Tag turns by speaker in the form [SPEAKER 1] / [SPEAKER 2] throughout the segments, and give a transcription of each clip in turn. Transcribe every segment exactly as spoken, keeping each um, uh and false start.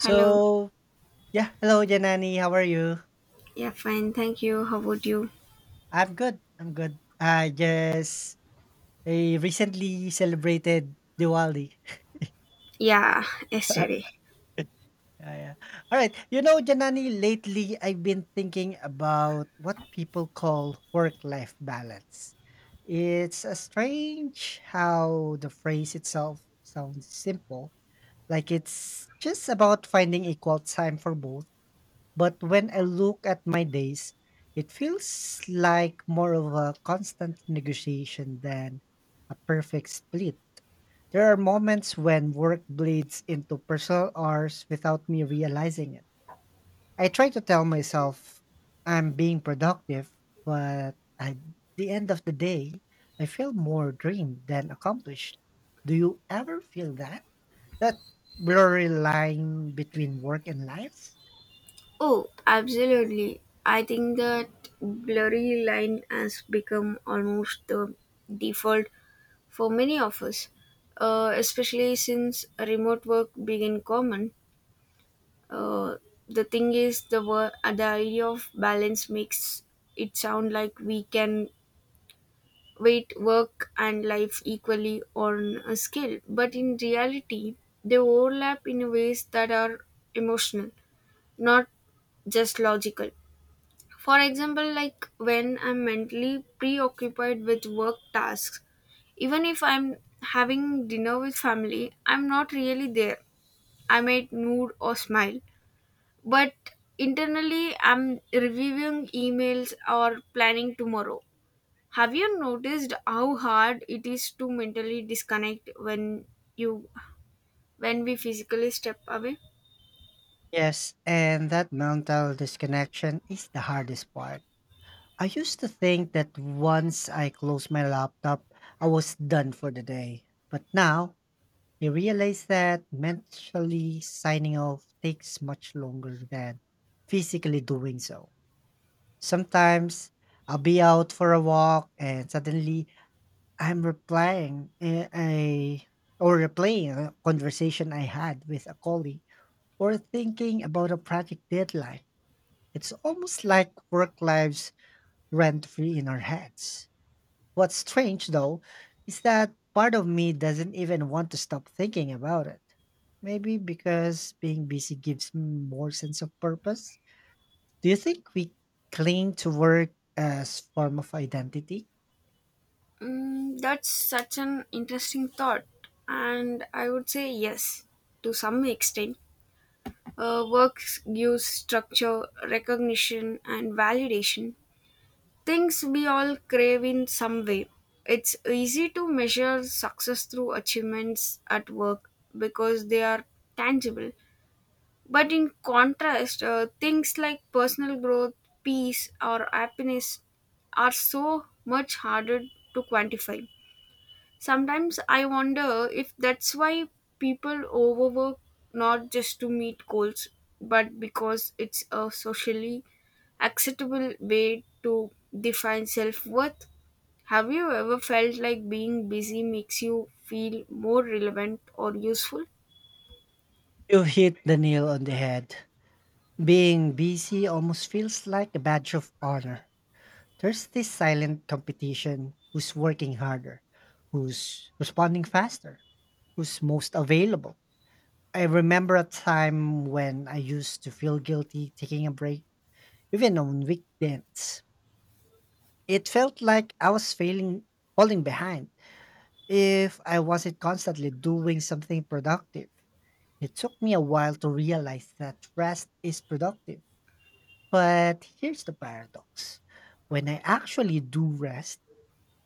[SPEAKER 1] Hello.
[SPEAKER 2] So yeah, hello Janani, how are you?
[SPEAKER 1] Yeah, fine. Thank you. How about you?
[SPEAKER 2] I'm good. I'm good. I just I recently celebrated Diwali.
[SPEAKER 1] Yeah, yesterday.
[SPEAKER 2] Yeah, yeah. All right. You know, Janani, lately I've been thinking about what people call work-life balance. It's a strange how the phrase itself sounds simple, like it's just about finding equal time for both. But when I look at my days, it feels like more of a constant negotiation than a perfect split. There are moments when work bleeds into personal hours without me realizing it. I try to tell myself I'm being productive, but at the end of the day, I feel more drained than accomplished. Do you ever feel that? That blurry line between work and life?
[SPEAKER 1] Oh, absolutely. I think that blurry line has become almost the default for many of us, uh, especially since remote work began common. Uh, the thing is, the wor- uh, the idea of balance makes it sound like we can weight work and life equally on a scale, but in reality they overlap in ways that are emotional, not just logical. For example, like when I'm mentally preoccupied with work tasks, even if I'm having dinner with family, I'm not really there. I might mood or smile, but internally I'm reviewing emails or planning tomorrow. Have you noticed how hard it is to mentally disconnect when you when we physically step away?
[SPEAKER 2] Yes, and that mental disconnection is the hardest part. I used to think that once I closed my laptop, I was done for the day. But now, I realize that mentally signing off takes much longer than physically doing so. Sometimes I'll be out for a walk and suddenly I'm replying a, a or replaying a conversation I had with a colleague, or thinking about a project deadline. It's almost like work lives rent free in our heads. What's strange, though, is that part of me doesn't even want to stop thinking about it. Maybe because being busy gives me more sense of purpose. Do you think we cling to work as form of identity?
[SPEAKER 1] Mm, that's such an interesting thought, and I would say yes, to some extent. Uh, work gives structure, recognition, and validation. Things we all crave in some way. It's easy to measure success through achievements at work because they are tangible. But in contrast, uh, things like personal growth, peace, or happiness are so much harder to quantify. Sometimes I wonder if that's why people overwork, not just to meet goals, but because it's a socially acceptable way to define self worth. Have you ever felt like being busy makes you feel more relevant or useful?
[SPEAKER 2] You hit the nail on the head. Being busy almost feels like a badge of honor. There's this silent competition, who's working harder, who's responding faster, who's most available. I remember a time when I used to feel guilty taking a break, even on weekends. It felt like I was failing, falling behind if I wasn't constantly doing something productive. It took me a while to realize that rest is productive. But here's the paradox, when I actually do rest,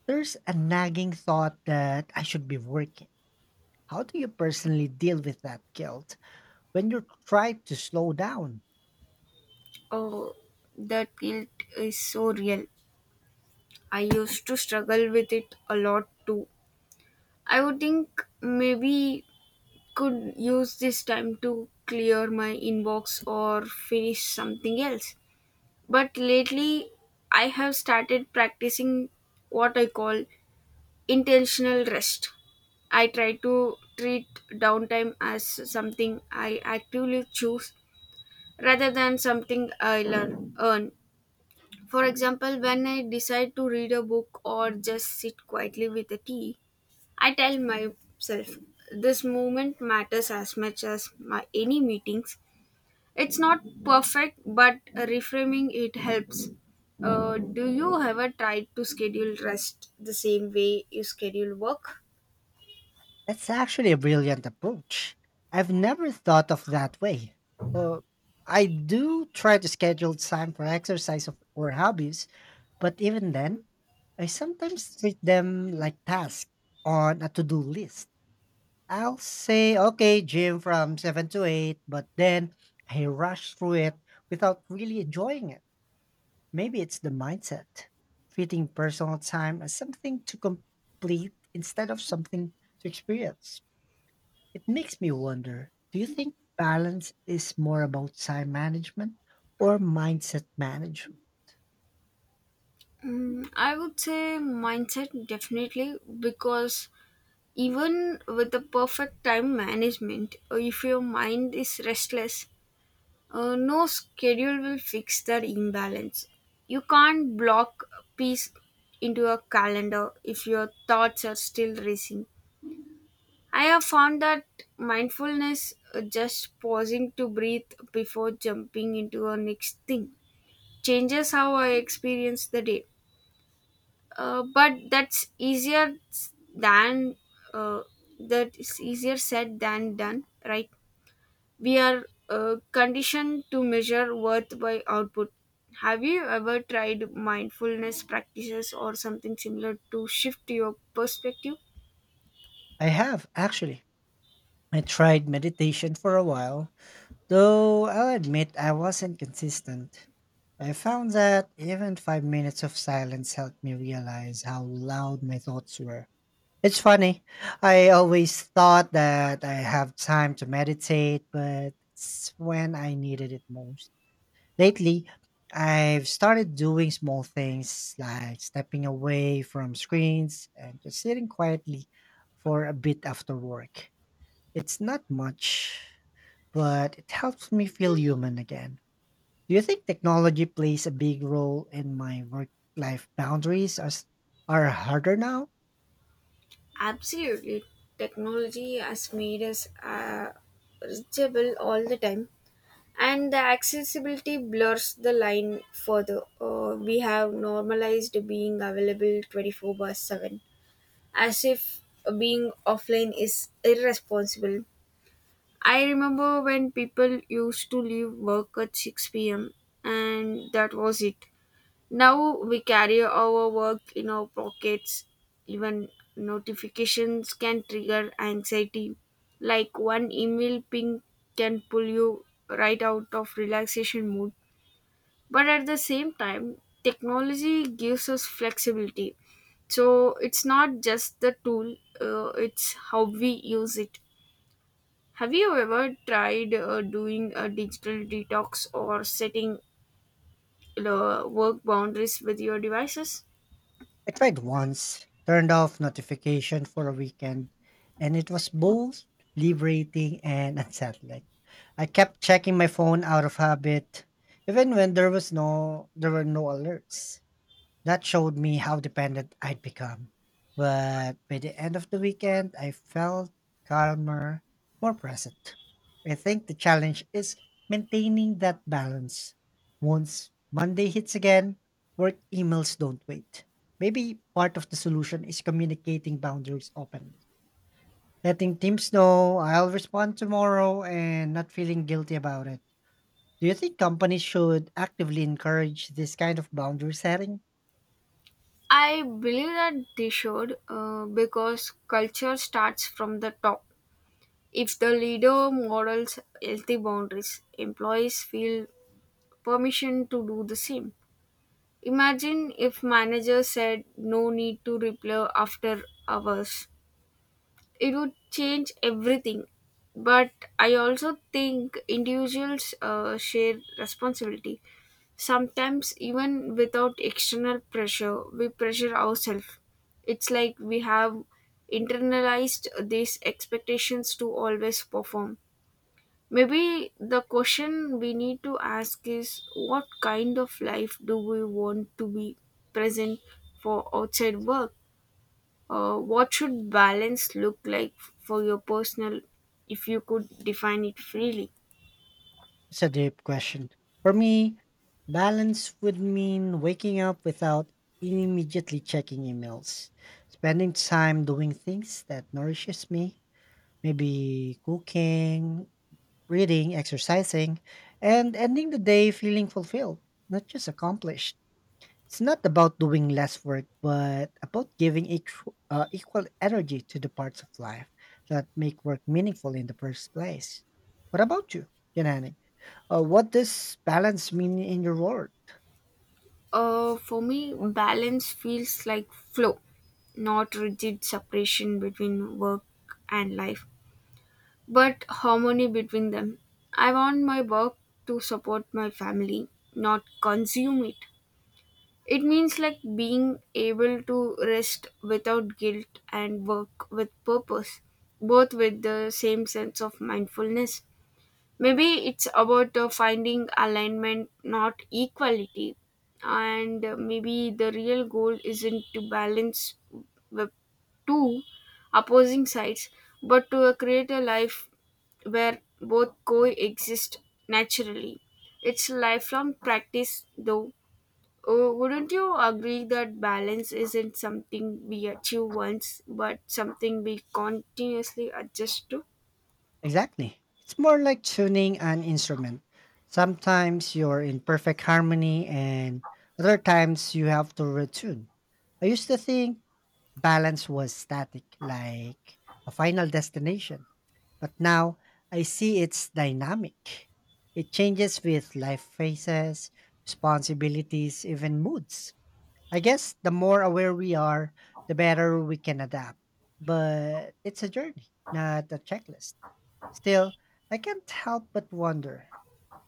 [SPEAKER 2] there's a nagging thought that I should be working. How do you personally deal with that guilt when you try to slow down?
[SPEAKER 1] Oh, that guilt is so real. I used to struggle with it a lot too. I would think maybe could use this time to clear my inbox or finish something else. But lately I have started practicing what I call intentional rest. I try to treat downtime as something I actively choose rather than something I learn, earn. For example, when I decide to read a book or just sit quietly with a tea, I tell myself this movement matters as much as my any meetings. It's not perfect, but reframing it helps. Uh, do you ever try to schedule rest the same way you schedule work?
[SPEAKER 2] That's actually a brilliant approach. I've never thought of that way. Uh, I do try to schedule time for exercise of- or hobbies, but even then, I sometimes treat them like tasks on a to do list. I'll say, okay, gym from seven to eight, but then I rush through it without really enjoying it. Maybe it's the mindset, treating personal time as something to complete instead of something to experience. It makes me wonder, do you think balance is more about time management or mindset management?
[SPEAKER 1] Mm, I would say mindset definitely because even with the perfect time management, uh, if your mind is restless, Uh, no schedule will fix that imbalance. You can't block peace into a calendar if your thoughts are still racing. I have found that mindfulness, uh, just pausing to breathe before jumping into a next thing, changes how I experience the day. Uh, but that's easier than uh, that is easier said than done, right? We are uh, conditioned to measure worth by output. Have you ever tried mindfulness practices or something similar to shift your perspective?
[SPEAKER 2] I have actually. I tried meditation for a while, though I'll admit I wasn't consistent. I found that even five minutes of silence helped me realize how loud my thoughts were. It's funny. I always thought that I have time to meditate, but it's when I needed it most. Lately, I've started doing small things like stepping away from screens and just sitting quietly for a bit after work. It's not much, but it helps me feel human again. Do you think technology plays a big role in my work life boundaries are, s- are harder now?
[SPEAKER 1] Absolutely. Technology has made us uh, reachable all the time, and the accessibility blurs the line further. Uh, we have normalized being available twenty-four by seven as if being offline is irresponsible. I remember when people used to leave work at six p m, and that was it. Now we carry our work in our pockets. Even notifications can trigger anxiety, like one email ping can pull you right out of relaxation mood. But at the same time, technology gives us flexibility. So it's not just the tool, uh, it's how we use it. Have you ever tried uh, doing a digital detox or setting uh, work boundaries with your devices?
[SPEAKER 2] I tried once, turned off notification for a weekend, and it was both liberating and unsettling. I kept checking my phone out of habit, even when there was no there were no alerts. That showed me how dependent I'd become. But by the end of the weekend, I felt calmer, more present. I think the challenge is maintaining that balance. Once Monday hits again, work emails don't wait. Maybe part of the solution is communicating boundaries openly, letting teams know I'll respond tomorrow and not feeling guilty about it. Do you think companies should actively encourage this kind of boundary setting?
[SPEAKER 1] I believe that they should, uh, because culture starts from the top. If the leader models healthy boundaries, employees feel permission to do the same. Imagine if manager said no need to reply after hours, it would change everything. But I also think individuals uh, share responsibility. Sometimes, even without external pressure, we pressure ourselves. It's like we have internalized these expectations to always perform. Maybe the question we need to ask is what kind of life do we want to be present for outside work? Uh, what should balance look like for your personal, if you could define it freely?
[SPEAKER 2] It's a deep question. For me, balance would mean waking up without immediately checking emails, spending time doing things that nourishes me, maybe cooking, reading, exercising, and ending the day feeling fulfilled, not just accomplished. It's not about doing less work, but about giving equ- uh, equal energy to the parts of life that make work meaningful in the first place. What about you, Janani? Uh, what does balance mean in your world?
[SPEAKER 1] Uh, for me, balance feels like flow, not rigid separation between work and life, but harmony between them. I want my work to support my family, not consume it. It means like being able to rest without guilt and work with purpose, both with the same sense of mindfulness. Maybe it's about uh, finding alignment, not equality. And uh, maybe the real goal isn't to balance the two opposing sides, but to uh, create a life where both coexist naturally. It's lifelong practice, though. Oh, wouldn't you agree that balance isn't something we achieve once, but something we continuously adjust to?
[SPEAKER 2] Exactly. It's more like tuning an instrument. Sometimes you're in perfect harmony, and other times you have to retune. I used to think balance was static, like a final destination. But now I see it's dynamic. It changes with life phases, responsibilities, even moods. I guess the more aware we are, the better we can adapt. But it's a journey, not a checklist. Still, I can't help but wonder,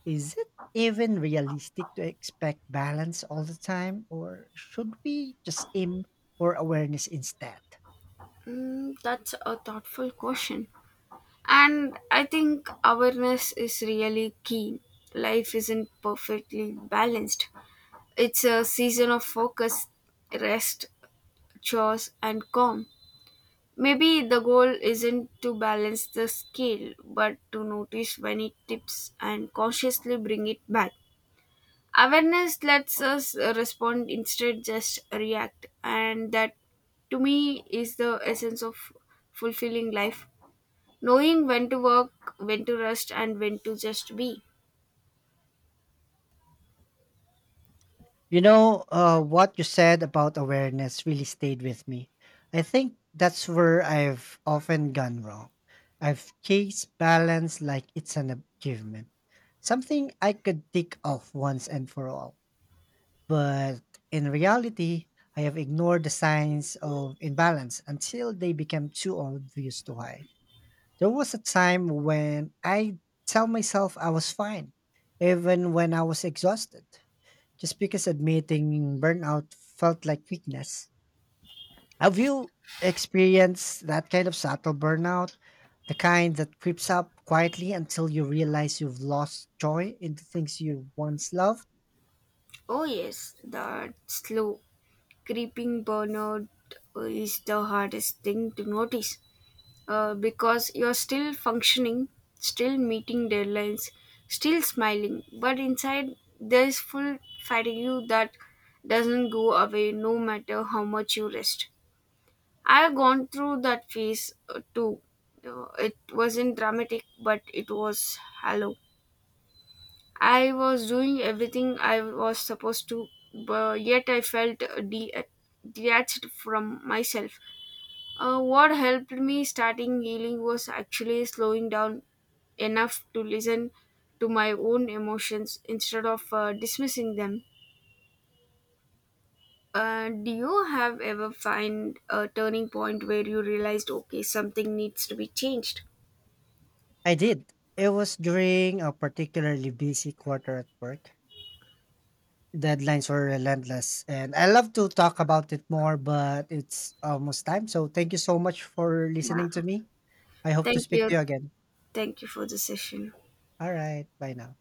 [SPEAKER 2] is it even realistic to expect balance all the time, or should we just aim for awareness instead?
[SPEAKER 1] Mm, that's a thoughtful question. And I think awareness is really key. Life isn't perfectly balanced. It's a season of focus, rest, chores, and calm. Maybe the goal isn't to balance the scale, but to notice when it tips and consciously bring it back. Awareness lets us respond instead just react, and that to me is the essence of fulfilling life. Knowing when to work, when to rest, and when to just be.
[SPEAKER 2] You know, uh, what you said about awareness really stayed with me. I think that's where I've often gone wrong. I've chased balance like it's an achievement, something I could tick off once and for all. But in reality, I have ignored the signs of imbalance until they became too obvious to hide. There was a time when I tell myself I was fine, even when I was exhausted just because admitting burnout felt like weakness. Have you experienced that kind of subtle burnout? The kind that creeps up quietly until you realize you've lost joy in the things you once loved?
[SPEAKER 1] Oh, yes, that slow, creeping burnout is the hardest thing to notice, uh, because you're still functioning, still meeting deadlines, still smiling, but inside there's full fatigue that doesn't go away no matter how much you rest. I've gone through that phase uh, too. Uh, it wasn't dramatic, but it was hollow. I was doing everything I was supposed to, but yet I felt de- detached from myself. Uh, what helped me starting healing was actually slowing down enough to listen to my own emotions instead of uh, dismissing them. Uh, do you have ever find a turning point where you realized okay something needs to be changed?
[SPEAKER 2] I did. It was during a particularly busy quarter at work. Deadlines were relentless, and I love to talk about it more, but it's almost time. So thank you so much for
[SPEAKER 1] Yeah.
[SPEAKER 2] listening to me. I hope to
[SPEAKER 1] Thank
[SPEAKER 2] speak to
[SPEAKER 1] you.
[SPEAKER 2] you again.
[SPEAKER 1] Thank you for the session.
[SPEAKER 2] All right. Bye now.